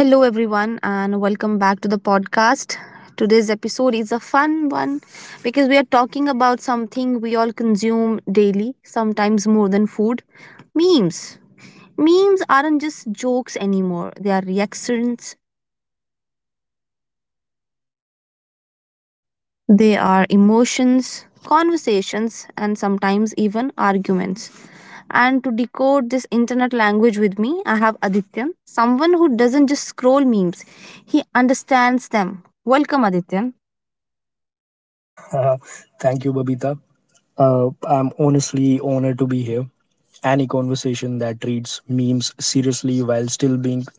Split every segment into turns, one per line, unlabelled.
Hello, everyone, and welcome back to the podcast. Today's episode is a fun one because we are talking about something we all consume daily, sometimes more than food memes. Memes aren't just jokes anymore, they are reactions, they are emotions, conversations, and sometimes even arguments. And to decode this internet language with me, I have Adityan, someone who doesn't just scroll memes, he understands them. Welcome, Adityan.
Uh, Thank you, Babita. I'm honestly honored to be here. Any conversation that treats memes seriously while still being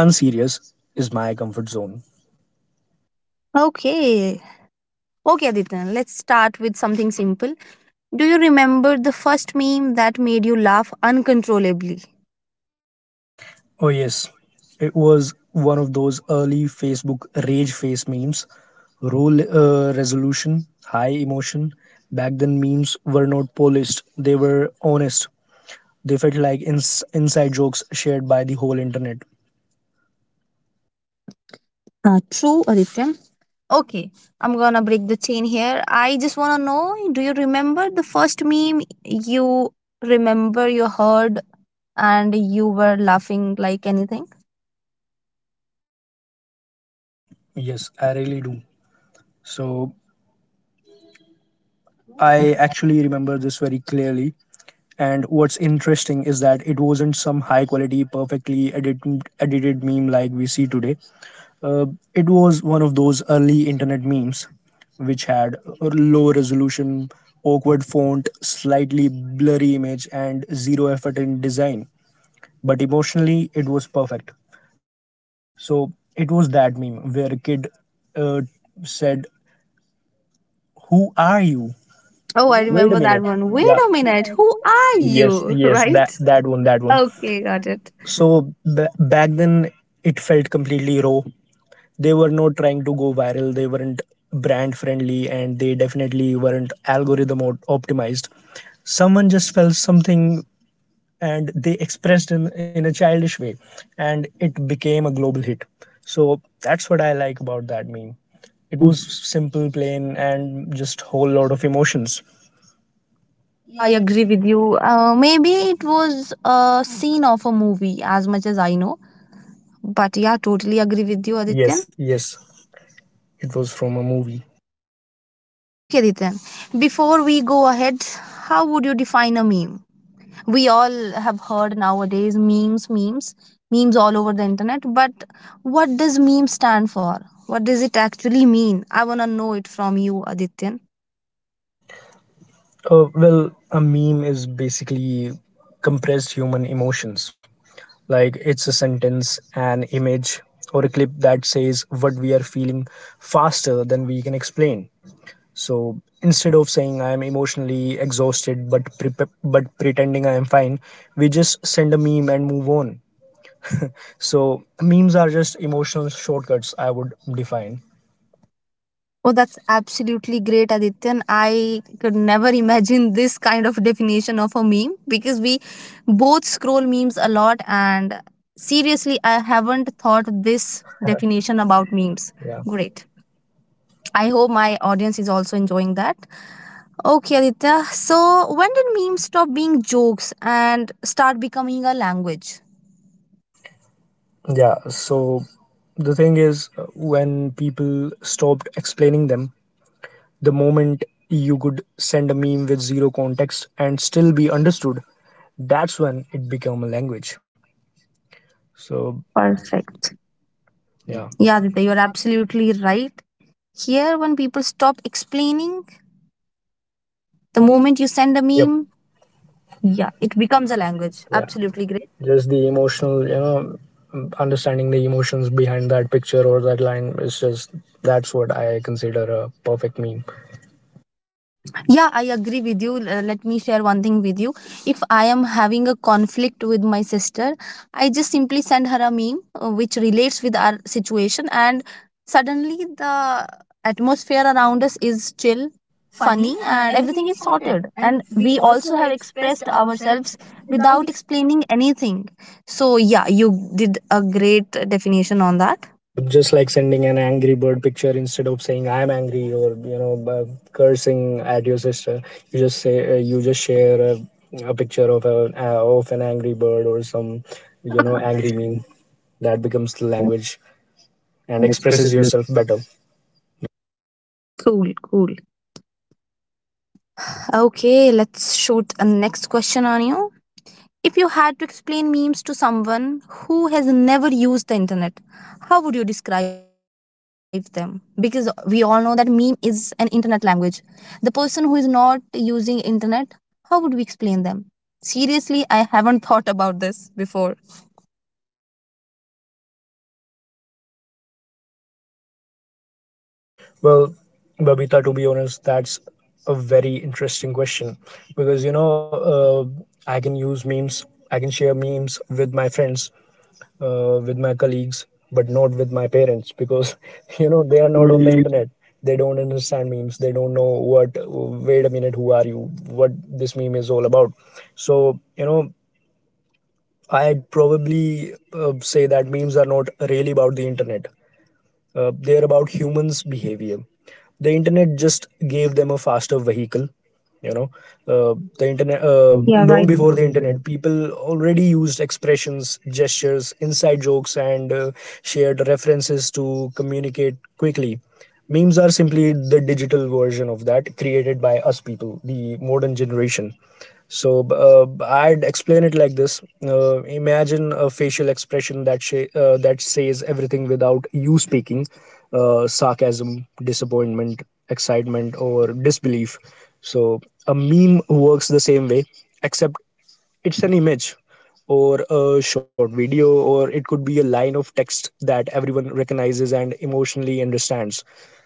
unserious is my comfort zone.
Okay. Okay, Aditya, let's start with something simple. Do you remember the first meme that made you laugh uncontrollably?
Oh, yes. It was one of those early Facebook rage face memes. Role resolution, high emotion. Back then, memes were not polished, they were honest. They felt like inside jokes shared by the whole internet.
True, Aditya. Okay, I'm gonna break the chain here. I just wanna know, do you remember the first meme you remember you heard and you were laughing like anything?
Yes, I really do. So
Cool.
I actually remember this very clearly. And what's interesting is that it wasn't some high quality, edited meme like we see today. Uh, it was one of those early internet memes which had a low resolution, awkward font, slightly blurry image, and zero effort in design. But emotionally, it was perfect. So it was that meme where a kid uh, said, who are you?
Oh, I
Wait a
remember
minute.
that one. Wait
Yeah.
a minute, who are
Yes,
you?
yes, that
Right?
that one, that one.
Okay, got it.
So b- back then, it felt completely raw. They were not trying to go viral. They weren't brand friendly, and they definitely weren't algorithm optimized. Someone just felt something, and they expressed in a childish way, and it became a global hit. So that's what I like about that meme. It was simple, plain, and just whole lot of emotions.
Yeah, I agree with you. Maybe it was a scene of a movie, as much as I know. But yeah, totally agree with you,
Yes,
Adityan.
yes, it was from a movie.
Okay, Adityan. Before we go ahead, how would you define a meme? We all have heard nowadays memes, memes, memes all over the internet. But what does meme stand for? What does it actually mean? I wanna know it from you, Adityan.
Well, a meme is basically compressed human emotions. Like it's a sentence, an image, or a clip that says what we are feeling faster than we can explain. So instead of saying I am emotionally exhausted but pretending I am fine, we just send a meme and move on. So memes are just emotional shortcuts, I would define.
Oh, that's absolutely great, Aditya. I could never imagine this kind of definition of a meme because we both scroll memes a lot. And seriously, I haven't thought this definition about memes.
Yeah.
Great. I hope my audience is also enjoying that. Okay, Aditya. So, when did memes stop being jokes and start becoming a language?
Yeah, so the thing is, when people stopped explaining them, the moment you could send a meme with zero context and still be understood, that's when it became a language.
So,
So,
Perfect. Yeah.
yeah.
Yeah, Aditya, you're absolutely right. Here, when people stop explaining. The moment you send a
Yep.
meme, yeah,
Yeah, it
it becomes
becomes
a
a language.
language.
Yeah.
Absolutely great.
Just the emotional, you know, understanding the emotions behind that picture or that line is just that's what I consider a perfect meme.
Yeah, I agree with you. Let me share one thing with you. If I am having a conflict with my sister, I just simply send her a meme which relates with our situation, and suddenly the atmosphere around us is chill, funny, and everything is sorted. And we also have expressed ourselves without explaining anything. So, yeah, you did a great definition on that.
Yep, just like sending an angry bird picture instead of saying "I'm angry", or you know cursing at your sister, you just say you just share a picture of a of an angry bird or some you know angry meme, that becomes the language
and
and
expresses
expresses
your
yourself better.
Cool, cool. Okay, let's shoot a next question on you. If you had to explain memes to someone who has never used the internet, how would you describe them? Because we all know that meme is an internet language. The person who is not using internet, how would we explain them? Seriously, I haven't thought about this before.
Well, Babita, to be honest, that's a very interesting question because you know, I can use memes, I can share memes with my friends, with my colleagues, but not with my parents, because you know
Children,
they
they are
are
not
not on the
really
internet. They don't understand memes. They don't know what. Wait a minute, who are you? What this meme is all about? So you know, I'd probably say that memes are not really about the internet. They're about humans' behavior. The internet just gave them a faster vehicle. You know, the internet.
Yeah, right.
Long
before
before the
the internet
internet, people already used expressions, gestures, inside jokes, and shared references to communicate quickly. Memes are simply the digital version of that, created by us people, the modern generation. So I'd explain it like this: imagine a facial expression that that says everything without you speaking, sarcasm, disappointment, excitement, or disbelief. So a meme works the same way, except it's an image or a short video, or it could be a line of text that everyone recognizes and emotionally understands.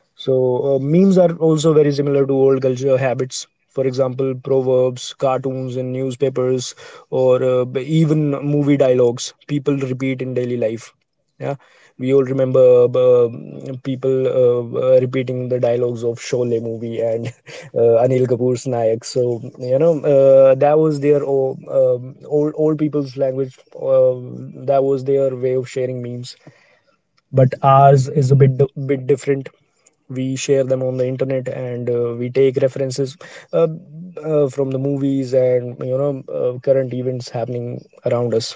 So memes are also very similar to old culture habits, for example proverbs, cartoons in newspapers, or even movie dialogues people repeat in daily life. Yeah, we all remember, people repeating the dialogues of Sholay movie and Anil Kapoor's Nayak. So you know, that was their old, old old people's language. That was their way of sharing memes. But
but
ours
ours
is a
is a bit
bit different. We share them on the internet, and we take references uh, from the movies, and you know, current events happening around us.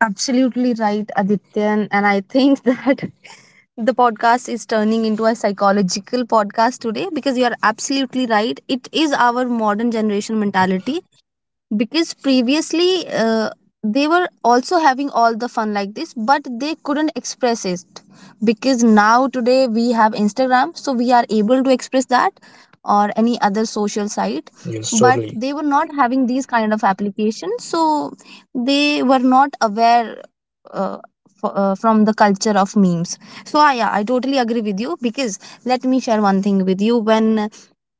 Absolutely right, Adityan. And I think that the podcast is turning into a psychological podcast today because you are absolutely right. It is our modern generation mentality, because previously, they were also having all the fun like this, but they couldn't express it because now today we have Instagram, so we are able to express that, or any other social site,
Yes,
but
totally.
they were not having these kind of applications, so they were not aware uh, from the culture of memes. So yeah, I totally agree with you. Because let me share one thing with you: when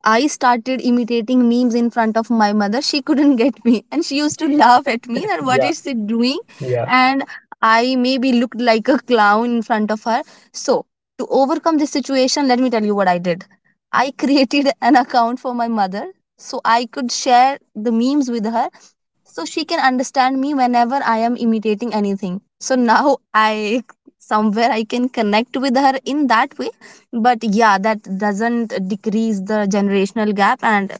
I started imitating memes in front of my mother, she couldn't get me, and she used to laugh at me that what is
Yeah.
she doing?
Yeah. And
And I maybe looked like a clown in front of her. So, to overcome this situation, let me tell you what I did. I created an account for my mother so I could share the memes with her so she can understand me whenever I am imitating anything. So now I, somewhere I can connect with her in that way. But yeah, that doesn't decrease the generational gap. And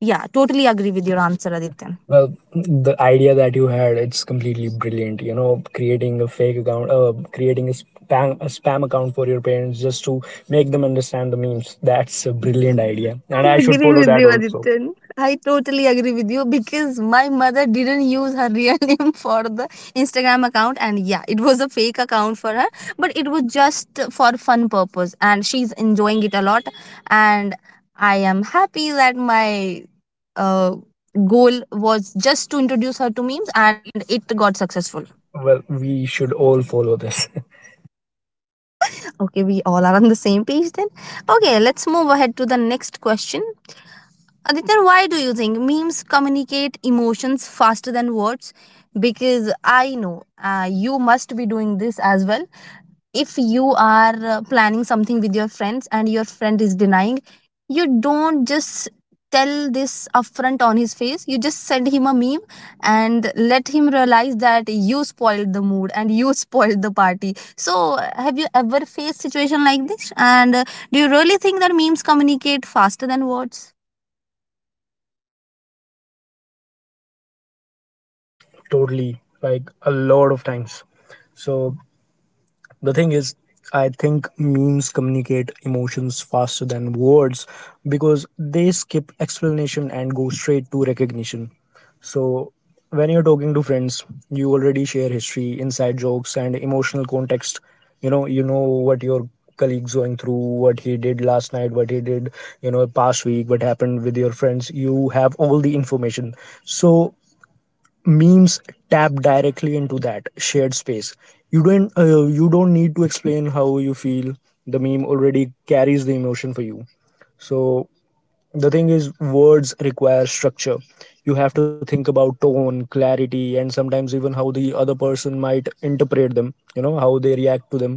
yeah, totally agree with your answer, Aditya.
well, the idea that you had, it's completely brilliant. You know, creating a fake account, creating a spam account for your parents just to make them understand the memes. That's a brilliant idea, and
I
I should
agree
follow
with
that
you,
also.
Adityan. I totally agree with you because my mother didn't use her real name for the Instagram account, and yeah, it was a fake account for her, but it was just for fun purpose, and she's enjoying it a lot. And I am happy that my uh, goal was just to introduce her to memes, and it got successful.
Well, we should all follow this.
Okay, we all are on the same page then. Okay, let's move ahead to the next question. Aditya, why do you think memes communicate emotions faster than words? Because I know you must be doing this as well. If you are planning something with your friends and your friend is denying, you don't just tell this upfront on his face. You just send him a meme and let him realize that you spoiled the mood and you spoiled the party. So, have you ever faced situation like this? And do you really think that memes communicate faster than words?
Yes, totally. Like a lot of times. So the thing is, I think memes communicate emotions faster than words because they skip explanation and go straight to recognition. So, when you're talking to friends, you already share history, inside jokes, and emotional context. You know what your colleague's going through, what he did last night, what he did, you know, past week, what happened with your friends. You have all the information. So, memes tap directly into that shared space. You don't, you don't need to explain how you feel, the meme already carries the emotion for you. So the thing is, words require structure, you have to think about tone, clarity, and sometimes even how the other person might interpret them, you know, how they react to them.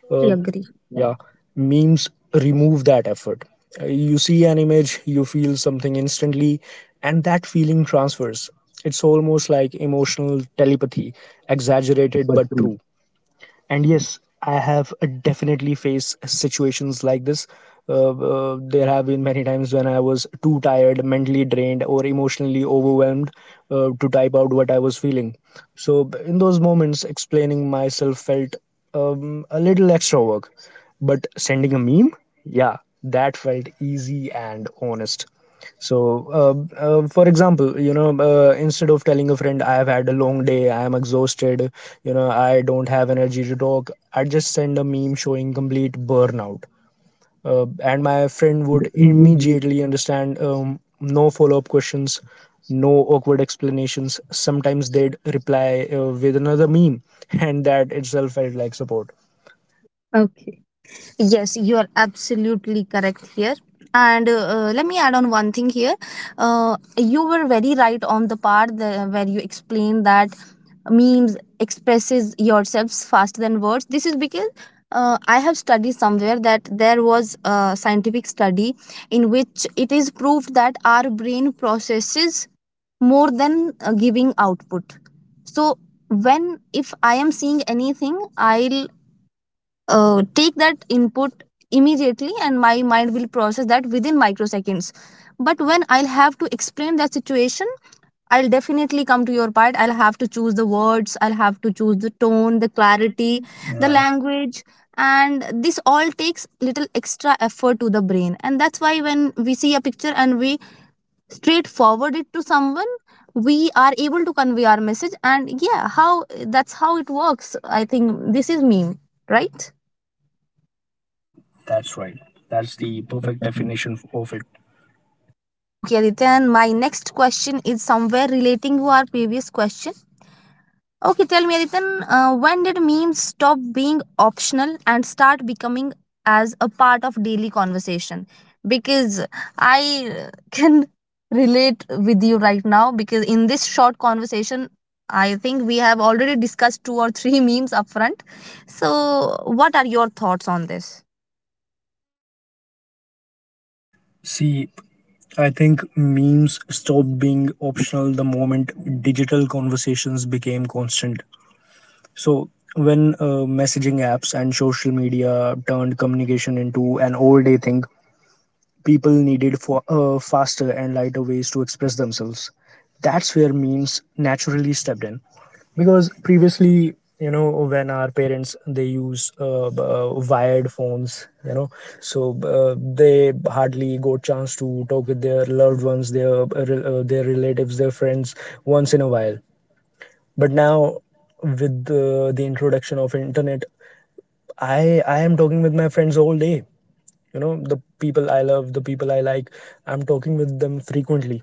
uh,
agree.
yeah,
Yeah,
memes remove that effort. You see an image, you feel something instantly, and that feeling transfers. It's almost like emotional telepathy, exaggerated
exaggerated
but
but
true.
true.
And yes, I have definitely faced situations like this. Uh, there have been many times when I was too tired, mentally drained, or emotionally overwhelmed, to type out what I was feeling. So in those moments, explaining myself felt a little extra work, but sending a meme, yeah, that felt easy and honest. So, for example, you know, instead of telling a friend, I have had a long day, I am exhausted, you know, I don't have energy to talk, I'd just send a meme showing complete burnout. And my
And
friend would
you'd immediately
immediately understand, no follow up questions, no awkward explanations. Sometimes they'd reply with another meme, and that itself felt like support.
Okay. Yes, you are absolutely correct here. And let me add on one thing here. You were very right on the part the, where you explained that memes expresses yourselves faster than words. This is because I have studied somewhere that there was a scientific study in which it is proved that our brain processes more than giving output. So when if I am seeing anything, I'll take that input immediately and my mind will process that within microseconds. But when I'll have to explain that situation, I'll definitely come to your part. I'll have to choose the words, I'll have to choose the tone, the clarity, the
Yeah.
language, and this all takes little extra effort to the brain. And that's why when we see a picture and we straight forward it to someone, we are able to convey our message. And yeah, how, that's how it works. I think this is meme, right?
Yep, that's right. That's the perfect definition of it.
Okay, Adityan. My next question is somewhere relating to our previous question. Okay, tell me, Adityan. When did memes stop being optional and start becoming as a part of daily conversation? Because I can relate with you right now, because in this short conversation, I think we have already discussed two or three memes upfront. So, what are your thoughts on this?
See, I think memes stopped being optional the moment digital conversations became constant. So, when messaging apps and social media turned communication into an all day thing, people needed for faster and lighter ways to express themselves. That's where memes naturally stepped in, because previously, you know, when our parents they use wired phones, you know. So they hardly got chance to talk with their loved ones, their their relatives, their friends, once in a while. But now, with the introduction of internet, i I am talking with my friends all day. You know, the people I love, the people I like, I'm talking with them frequently.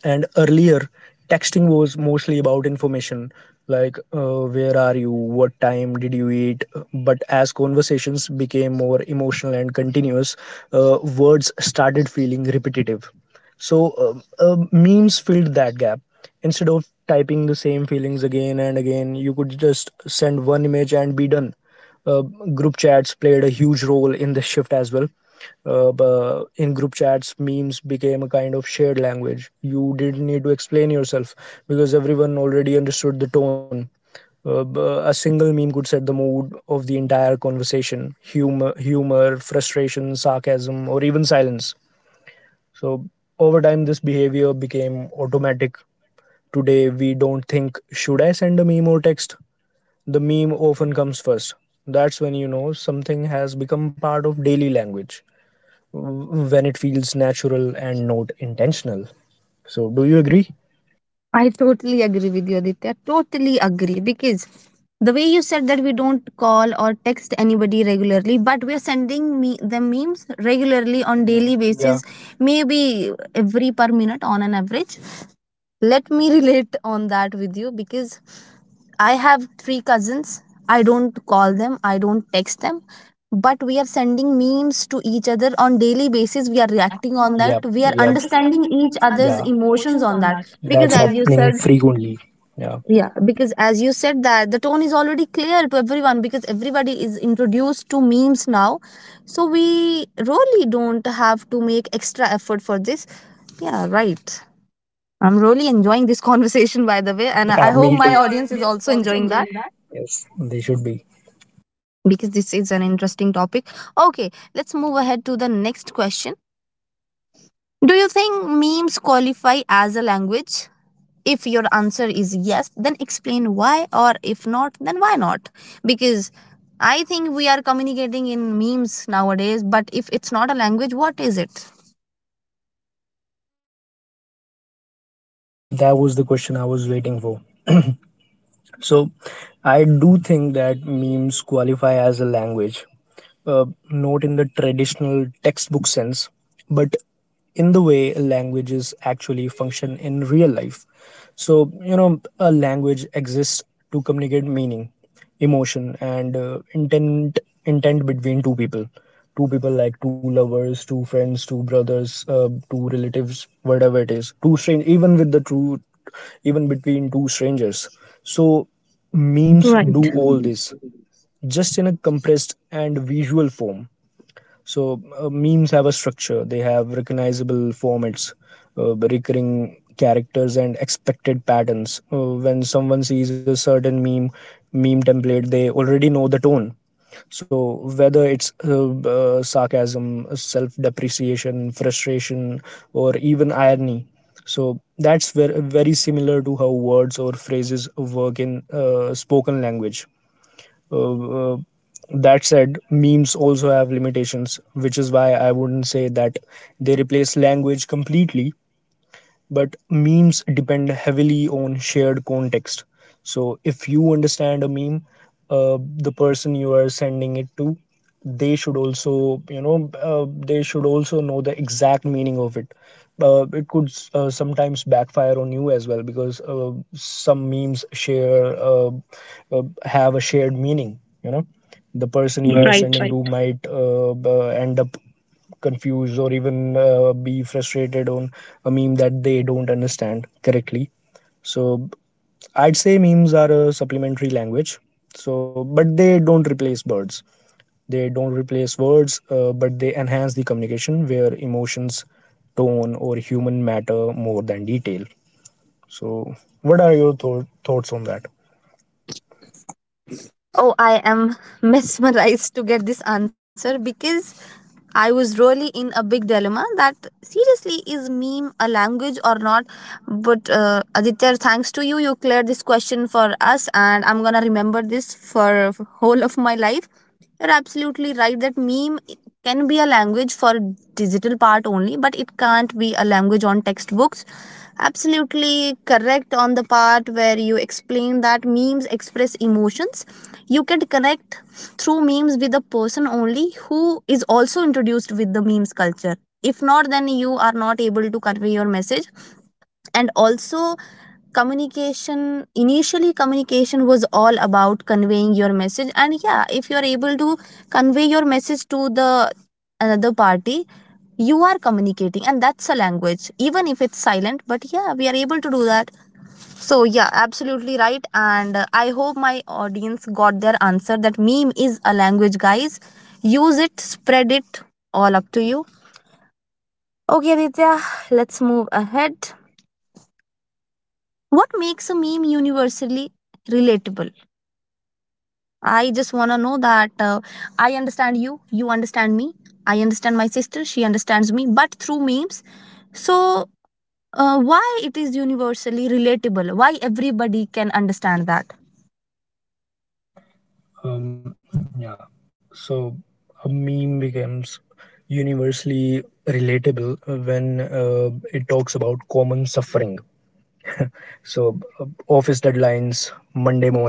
And earlier, texting was mostly about information, like where are you, what time did you eat. But as conversations became more emotional and continuous, words started feeling repetitive. So, memes filled that gap. Instead of typing the same feelings again and again, you could just send one image and be done. uh, Group chats played a huge role in this shift as well. In group chats, memes became a kind of shared language, you didn't need to explain yourself, because everyone already understood the tone. uh, a single meme could set the mood of the entire conversation, humor, frustration, sarcasm, or even silence. So over time, this behavior became automatic. Today we don't think should I send a meme or text, the meme often comes first. That's when you know something has become part of daily language, when it feels natural and not intentional. So,
Do
do
you
you
agree?
agree?
I totally agree with you, Aditya. Totally agree. Because the way you said that we don't call or text anybody regularly, but we're sending me the memes regularly on daily
Yeah, yeah.
basis, maybe every per minute on an average. Let me relate on that with you. Because I have three cousins. I don't call them, I don't text them, but we are sending memes to each other on daily basis. We are
Yeah,
reacting
reacting on,
on that.
yep,
We are
that. We are, yep,
understanding
understanding
each
each other's,
other's
yeah,
emotions
emotions
on
on
that
that.
because
That's
as you
happening
said,
frequently. Yeah.
yeah, because as you said that the tone is already clear to everyone because everybody is introduced to memes now. So we really don't have to make extra effort for this. Yeah, right. I'm really enjoying this conversation by the way,
And
and
yeah,
I
I, me
hope
hope
my
my too,
audience
audience
is
is
also
also
enjoying
enjoying
that
that. Yes, they should be.
because this is an interesting topic. Okay, let's move ahead to the next question. Do you think memes qualify as a language? If your answer is yes, then explain why, or if not, then why not? Because I think we are communicating in memes nowadays, but if it's not a language, what is it?
See, that was the question I was waiting for. So, I do think that memes qualify as a language, uh, note in the traditional textbook sense, but in the way languages actually function in real life. So, you know, a language exists to communicate meaning, emotion, and intent between two people. Two people like two lovers, two friends, two brothers, two relatives, whatever it is. Two strange, even with the true, even between two strangers. So
Memes
memes
Right.
do all this, just in a compressed and visual form. So memes have a structure. They have recognizable formats, recurring characters, and expected patterns. When someone sees a certain meme template, they already know the tone. So whether it's sarcasm, self depreciation, frustration, or even irony. So that's very similar to how words or phrases work in spoken language uh, uh, that said, memes also have limitations, which is why I wouldn't say that they replace language completely, but memes depend heavily on shared context. So if you understand a meme, the person you are sending it to, they should also they should also know the exact meaning of it. It could sometimes backfire on you as well, because some memes share have a shared meaning. You know, the person you are
Right.
sending
Right.
to might end up confused or even be frustrated on a meme that they don't understand correctly. So I'd say memes are a supplementary language, so but they don't replace words. But they enhance the communication where emotions, tone, or human matter more than detail. So what are your thoughts on that?
Oh, I am mesmerized to get this answer because I was really in a big dilemma that seriously is meme a language or not. But Aditya, thanks to you, you cleared this question for us, and I'm gonna remember this for whole of my life. You're absolutely right that meme can be a language for digital part only, but it can't be a language on textbooks. Absolutely correct on the part where you explain that memes express emotions. You can connect through memes with a person only who is also introduced with the memes culture. If not, then you are not able to convey your message. And also, communication, initially communication was all about conveying your message, and yeah, if you are able to convey your message to the another party, you are communicating, and that's a language. Even if it's silent, but yeah, we are able to do that. So, yeah, absolutely right. And I hope my audience got their answer that meme is a language, guys. Use it, spread it, all up to you. Okay, Aditya, let's move ahead. What makes a meme universally relatable? I just want to know that, I understand you, you understand me, I understand my sister, she understands me, but through memes. So, why it is universally relatable? Why everybody can understand that?
Um, yeah. So a meme becomes universally relatable when it talks about common suffering. So office deadlines, Monday mornings,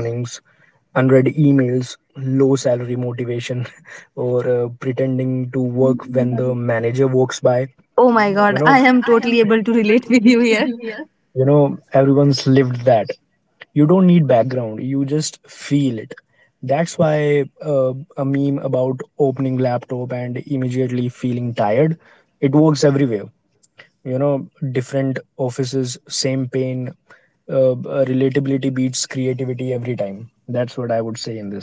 unread emails, low salary motivation, or pretending to work when the manager walks by.
Oh
You
my
know,
god, I am totally able to relate with you here.
everyone's lived that. You don't need background, you just feel it. That's why a meme about opening laptop and immediately feeling tired, it works everywhere. You know, different offices, same pain, relatability beats creativity every time. That's what I would say in this.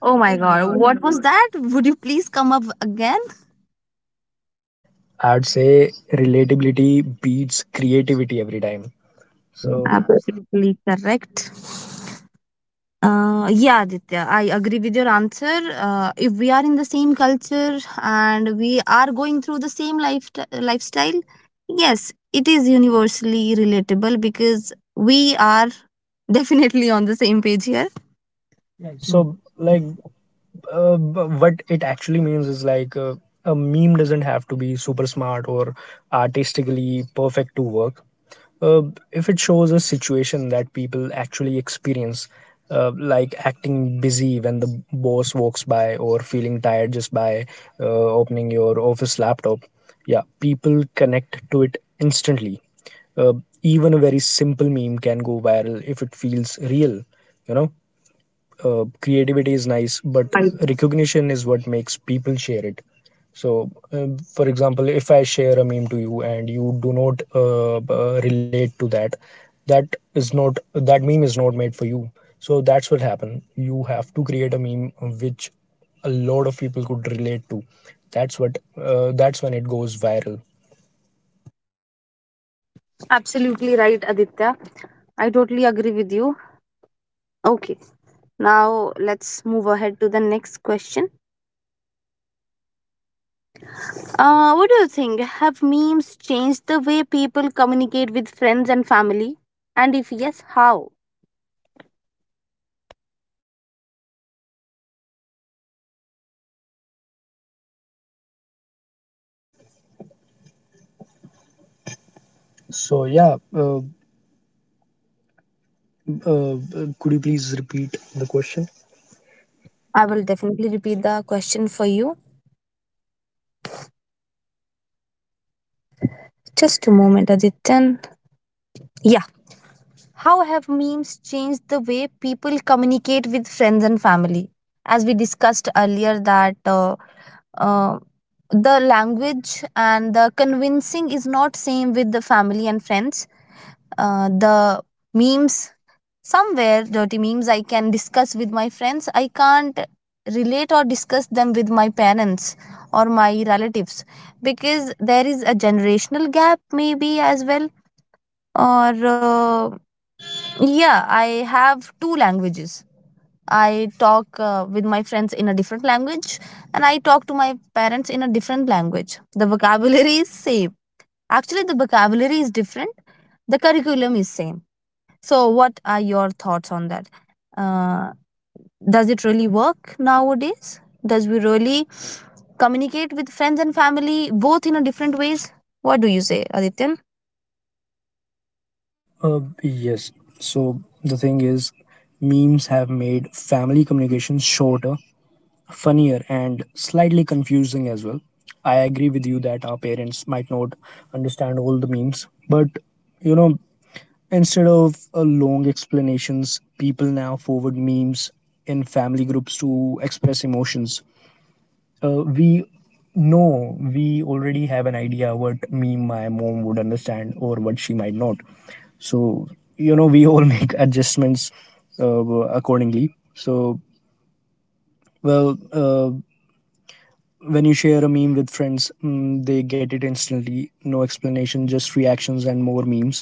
Oh my god, what was that? Would you please come up again?
I'd say relatability beats creativity every time. So
Absolutely correct. Yeah, Aditya, I agree with your answer. If we are in the same culture and we are going through the same lifestyle, yes, it is universally relatable because we are definitely on the same page here.
yeah, so like what it actually means is like a meme doesn't have to be super smart or artistically perfect to work. Uh, if it shows a situation that people actually experience, like acting busy when the boss walks by or feeling tired just by opening your office laptop, yeah, people connect to it instantly. Uh, Even a very simple meme can go viral if it feels real. You know, creativity is nice, but recognition is what makes people share it. So for example, if I share a meme to you and you do not relate to that, that is not that meme is not made for you. So that's what happened. You have to create a meme which a lot of people could relate to. That's what, that's when it goes viral.
Absolutely right, Aditya. I totally agree with you. Okay. Now let's move ahead to the next question. What do you think? Have memes changed the way people communicate with friends and family? And if yes, how?
So yeah, uh, could you please repeat the question?
I will definitely repeat the question for you. Just a moment, Adityan. Yeah. How have memes changed the way people communicate with friends and family? As we discussed earlier, that uh, the language and the convincing is not same with the family and friends. The memes, somewhere dirty memes I can discuss with my friends. I can't relate or discuss them with my parents or my relatives because there is a generational gap, maybe as well. Or, yeah, I have two languages. I talk with my friends in a different language and I talk to my parents in a different language. The vocabulary is same. Actually, the vocabulary is different. The curriculum is same. So, what are your thoughts on that? Uh, does it really work nowadays? Does we really communicate with friends and family both in a different ways? What do you say, Adityan?
Yes. So the thing is, memes have made family communication shorter, funnier, and slightly confusing as well. I agree with you that our parents might not understand all the memes, but you know, instead of long explanations, people now forward memes in family groups to express emotions. We know, we already have an idea what meme my mom would understand or what she might not. So you know, we all make adjustments uh, accordingly. So well, when you share a meme with friends, they get it instantly, no explanation, just reactions and more memes.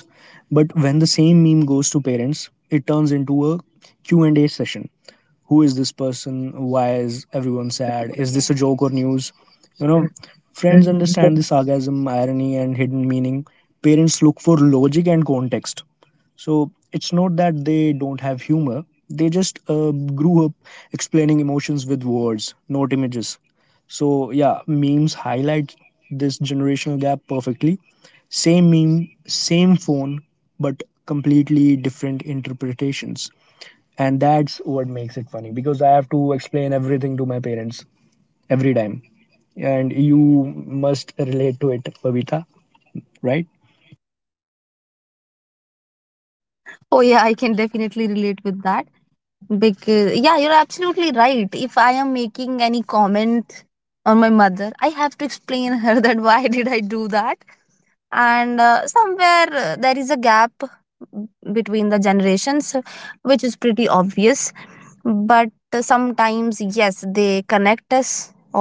But when the same meme goes to parents, it turns into a Q and a session. Who is this person? Why is everyone sad? Is this a joke or news? You know, friends
Friends and family.
understand the sarcasm, irony, and hidden meaning. Parents look for logic and context. So it's not that they don't have humor, they just grew up explaining emotions with words, not images. So yeah, memes highlight this generational gap perfectly. Same meme, same phone, but completely different interpretations. And that's what makes it funny, because I have to explain everything to my parents every time. And you must relate to it, Babita, right?
Oh yeah, I can definitely relate with that because yeah, you're absolutely right. If I am making any comment on my mother, I have to explain her that why did I do that, and somewhere there is a gap between the generations, which is pretty obvious, but sometimes yes they connect us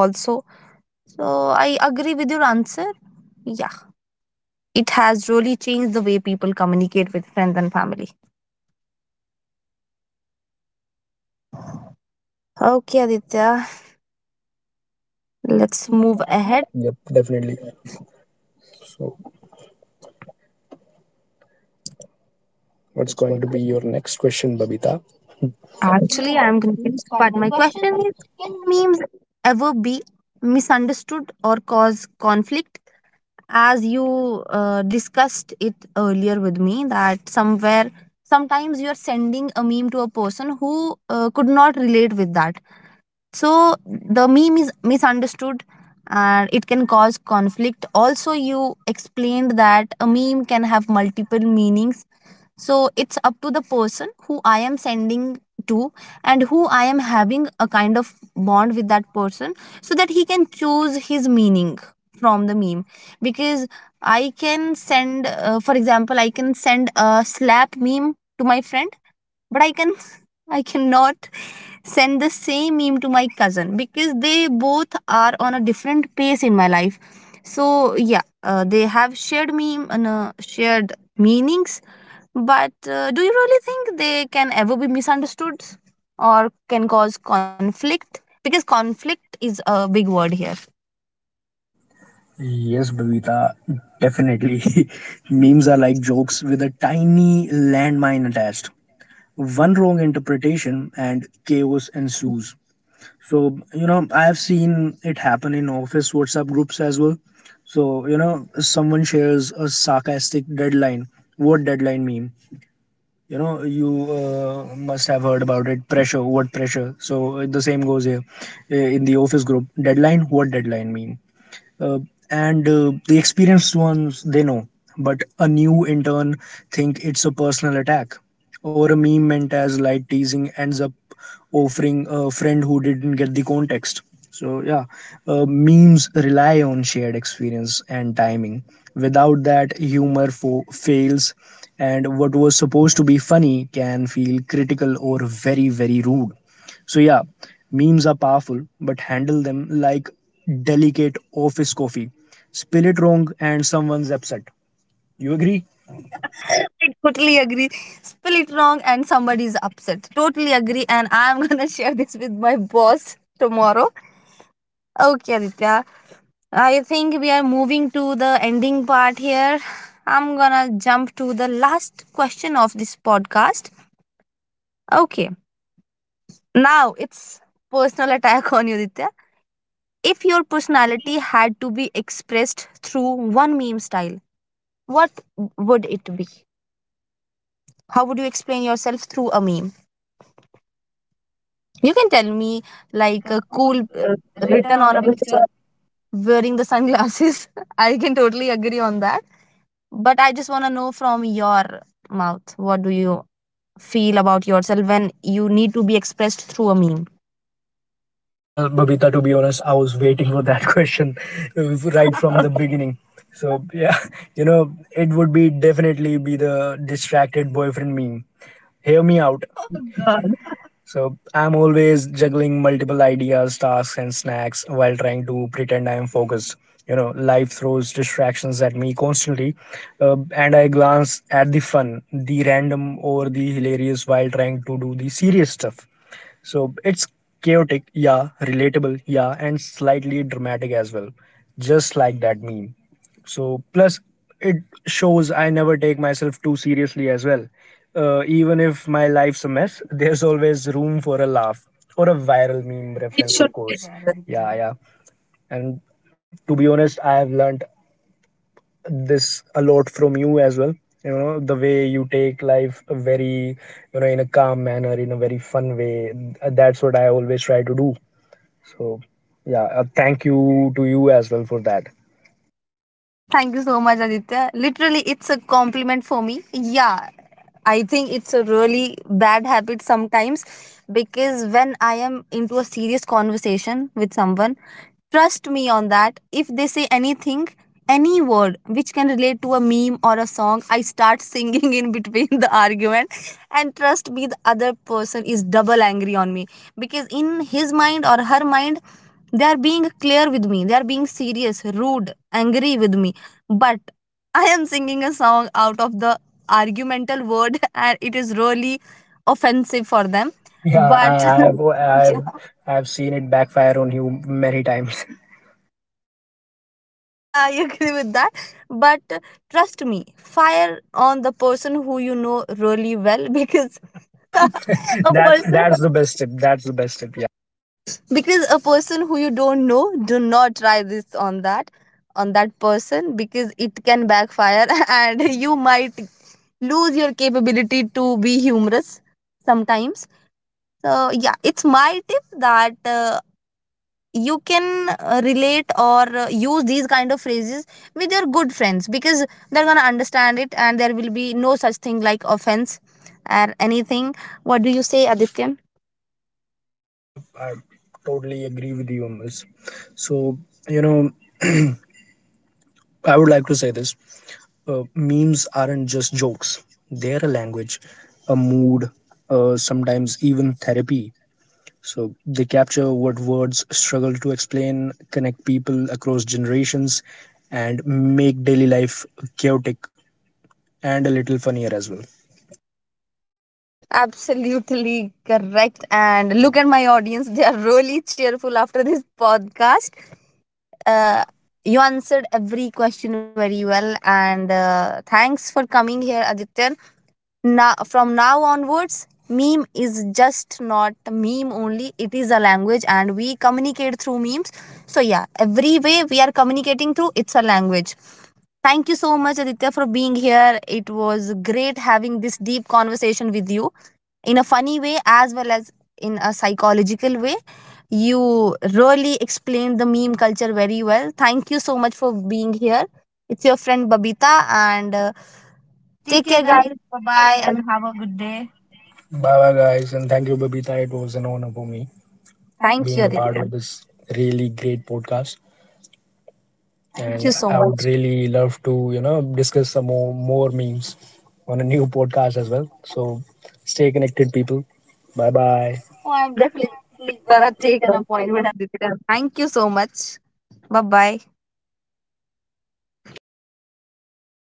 also, so I agree with your answer. Yeah, it has really changed the way people communicate with friends and family. Okay, Aditya, let's move ahead.
Yep, definitely. So, what's going to be your next question, Babita?
Actually, I'm confused, but my question is, memes, ever be misunderstood or cause conflict? As you discussed it earlier with me, that somewhere sometimes you are sending a meme to a person who could not relate with that, so the meme is misunderstood and it can cause conflict also. You explained that a meme can have multiple meanings, so it's up to the person who I am sending to, and who I am having a kind of bond with that person, so that he can choose his meaning from the meme. Because I can send for example, I can send a slap meme to my friend, but I can I cannot send the same meme to my cousin because they both are on a different pace in my life. So yeah, they have shared meme and shared meanings, but do you really think they can ever be misunderstood or can cause conflict? Because conflict is a big word here.
Yes, Babita, definitely. Memes are like jokes with a tiny landmine attached. One wrong interpretation and chaos ensues. So, you know, I have seen it happen in office WhatsApp groups as well. So, you know, someone shares a sarcastic deadline. What deadline meme? You know, you must have heard about it. Pressure, what pressure? So, the same goes here in the office group. Deadline, what deadline meme? uh, and the experienced ones, they know, but a new intern think it's a personal attack, or a meme meant as light teasing ends up offering a friend who didn't get the context. So yeah, memes rely on shared experience and timing. Without that, humor fails, and what was supposed to be funny can feel critical or very, very rude. So yeah, memes are powerful, but handle them like delicate office coffee. Spill it wrong and someone's upset. You agree?
I totally agree. Spell it wrong and somebody is upset. Totally agree. And I'm going to share this with my boss tomorrow. Okay, Aditya. I think we are moving to the ending part here. I'm going to jump to the last question of this podcast. Okay. Now it's personal attack on you, Aditya. If your personality had to be expressed through one meme style, what would it be? How would you explain yourself through a meme? You can tell me like a cool written on a, wearing the sunglasses. I can totally agree on that. But I just want to know from your mouth, what do you feel about yourself when you need to be expressed through a meme?
Well, Babita, to be honest, I was waiting for that question right from the beginning. So yeah, you know, it would be definitely be the distracted boyfriend meme. Hear me out. So I'm always juggling multiple ideas, tasks, and snacks while trying to pretend I am focused. You know, life throws distractions at me constantly, and I glance at the fun, the random, or the hilarious while trying to do the serious stuff. So it's chaotic, yeah, relatable, yeah, and slightly dramatic as well, just like that meme. So plus, it shows I never take myself too seriously as well. Even if my life's a mess, there's always room for a laugh or a viral meme reference, of course. Yeah, yeah. And to be honest, I have learned this a lot from you as well. You know, the way you take life, very you know, in a calm manner, in a very fun way. That's what I always try to do. So yeah, thank you to you as well for that.
Thank you so much, Aditya. Literally, it's a compliment for me. Yeah, I think it's a really bad habit sometimes, because when I am into a serious conversation with someone, trust me on that. If they say anything, any word which can relate to a meme or a song, I start singing in between the argument. And trust me, the other person is double angry on me because in his mind or her mind, they are being clear with me, they are being serious, rude, angry with me. But I am singing a song out of the argumental word, and it is really offensive for them. Yeah,
Yeah, I,
but
I've seen it backfire on you many times.
yeah, I agree with that. But trust me, fire on the person who you know really well, because
Of
a
that's course.
person,
That's the best tip, that's the best tip.
because a person who you don't know, do not try this on that, on that person, because it can backfire and you might lose your capability to be humorous sometimes. So yeah, it's my tip that you can relate or use these kind of phrases with your good friends, because they're gonna understand it and there will be no such thing like offense or anything. What do you say, Adityan?
Yeah, yep, I totally agree with you on this. So you know, I would like to say this. Memes aren't just jokes, they're a language, a mood, sometimes even therapy. So they capture what words struggle to explain, connect people across generations, and make daily life chaotic and a little funnier as well.
Absolutely correct, and look at my audience, they are really cheerful after this podcast. Uh, you answered every question very well, and thanks for coming here, Adityan. Now from now onwards, meme is just not meme only, it is a language and we communicate through memes. So yeah, every way we are communicating through, it's a language. Thank you so much, Aditya, for being here. It was great having this deep conversation with you in a funny way as well as in a psychological way. You really explained the meme culture very well. Thank you so much for being here. It's your friend Babita, and take care guys. Bye.
Bye bye, guys, and thank you, Babita. It was an honor for me
Thank
being
you,
you. A part
Aditya.
of this really great podcast. Thank you
Thank
and
you
so
so
I would much.
much.
Really love to, you know, discuss more memes on a new podcast as well. So stay connected, people. Bye bye.
Definitely. Gonna take your appointment, Aditya. Thank you so much. Bye bye.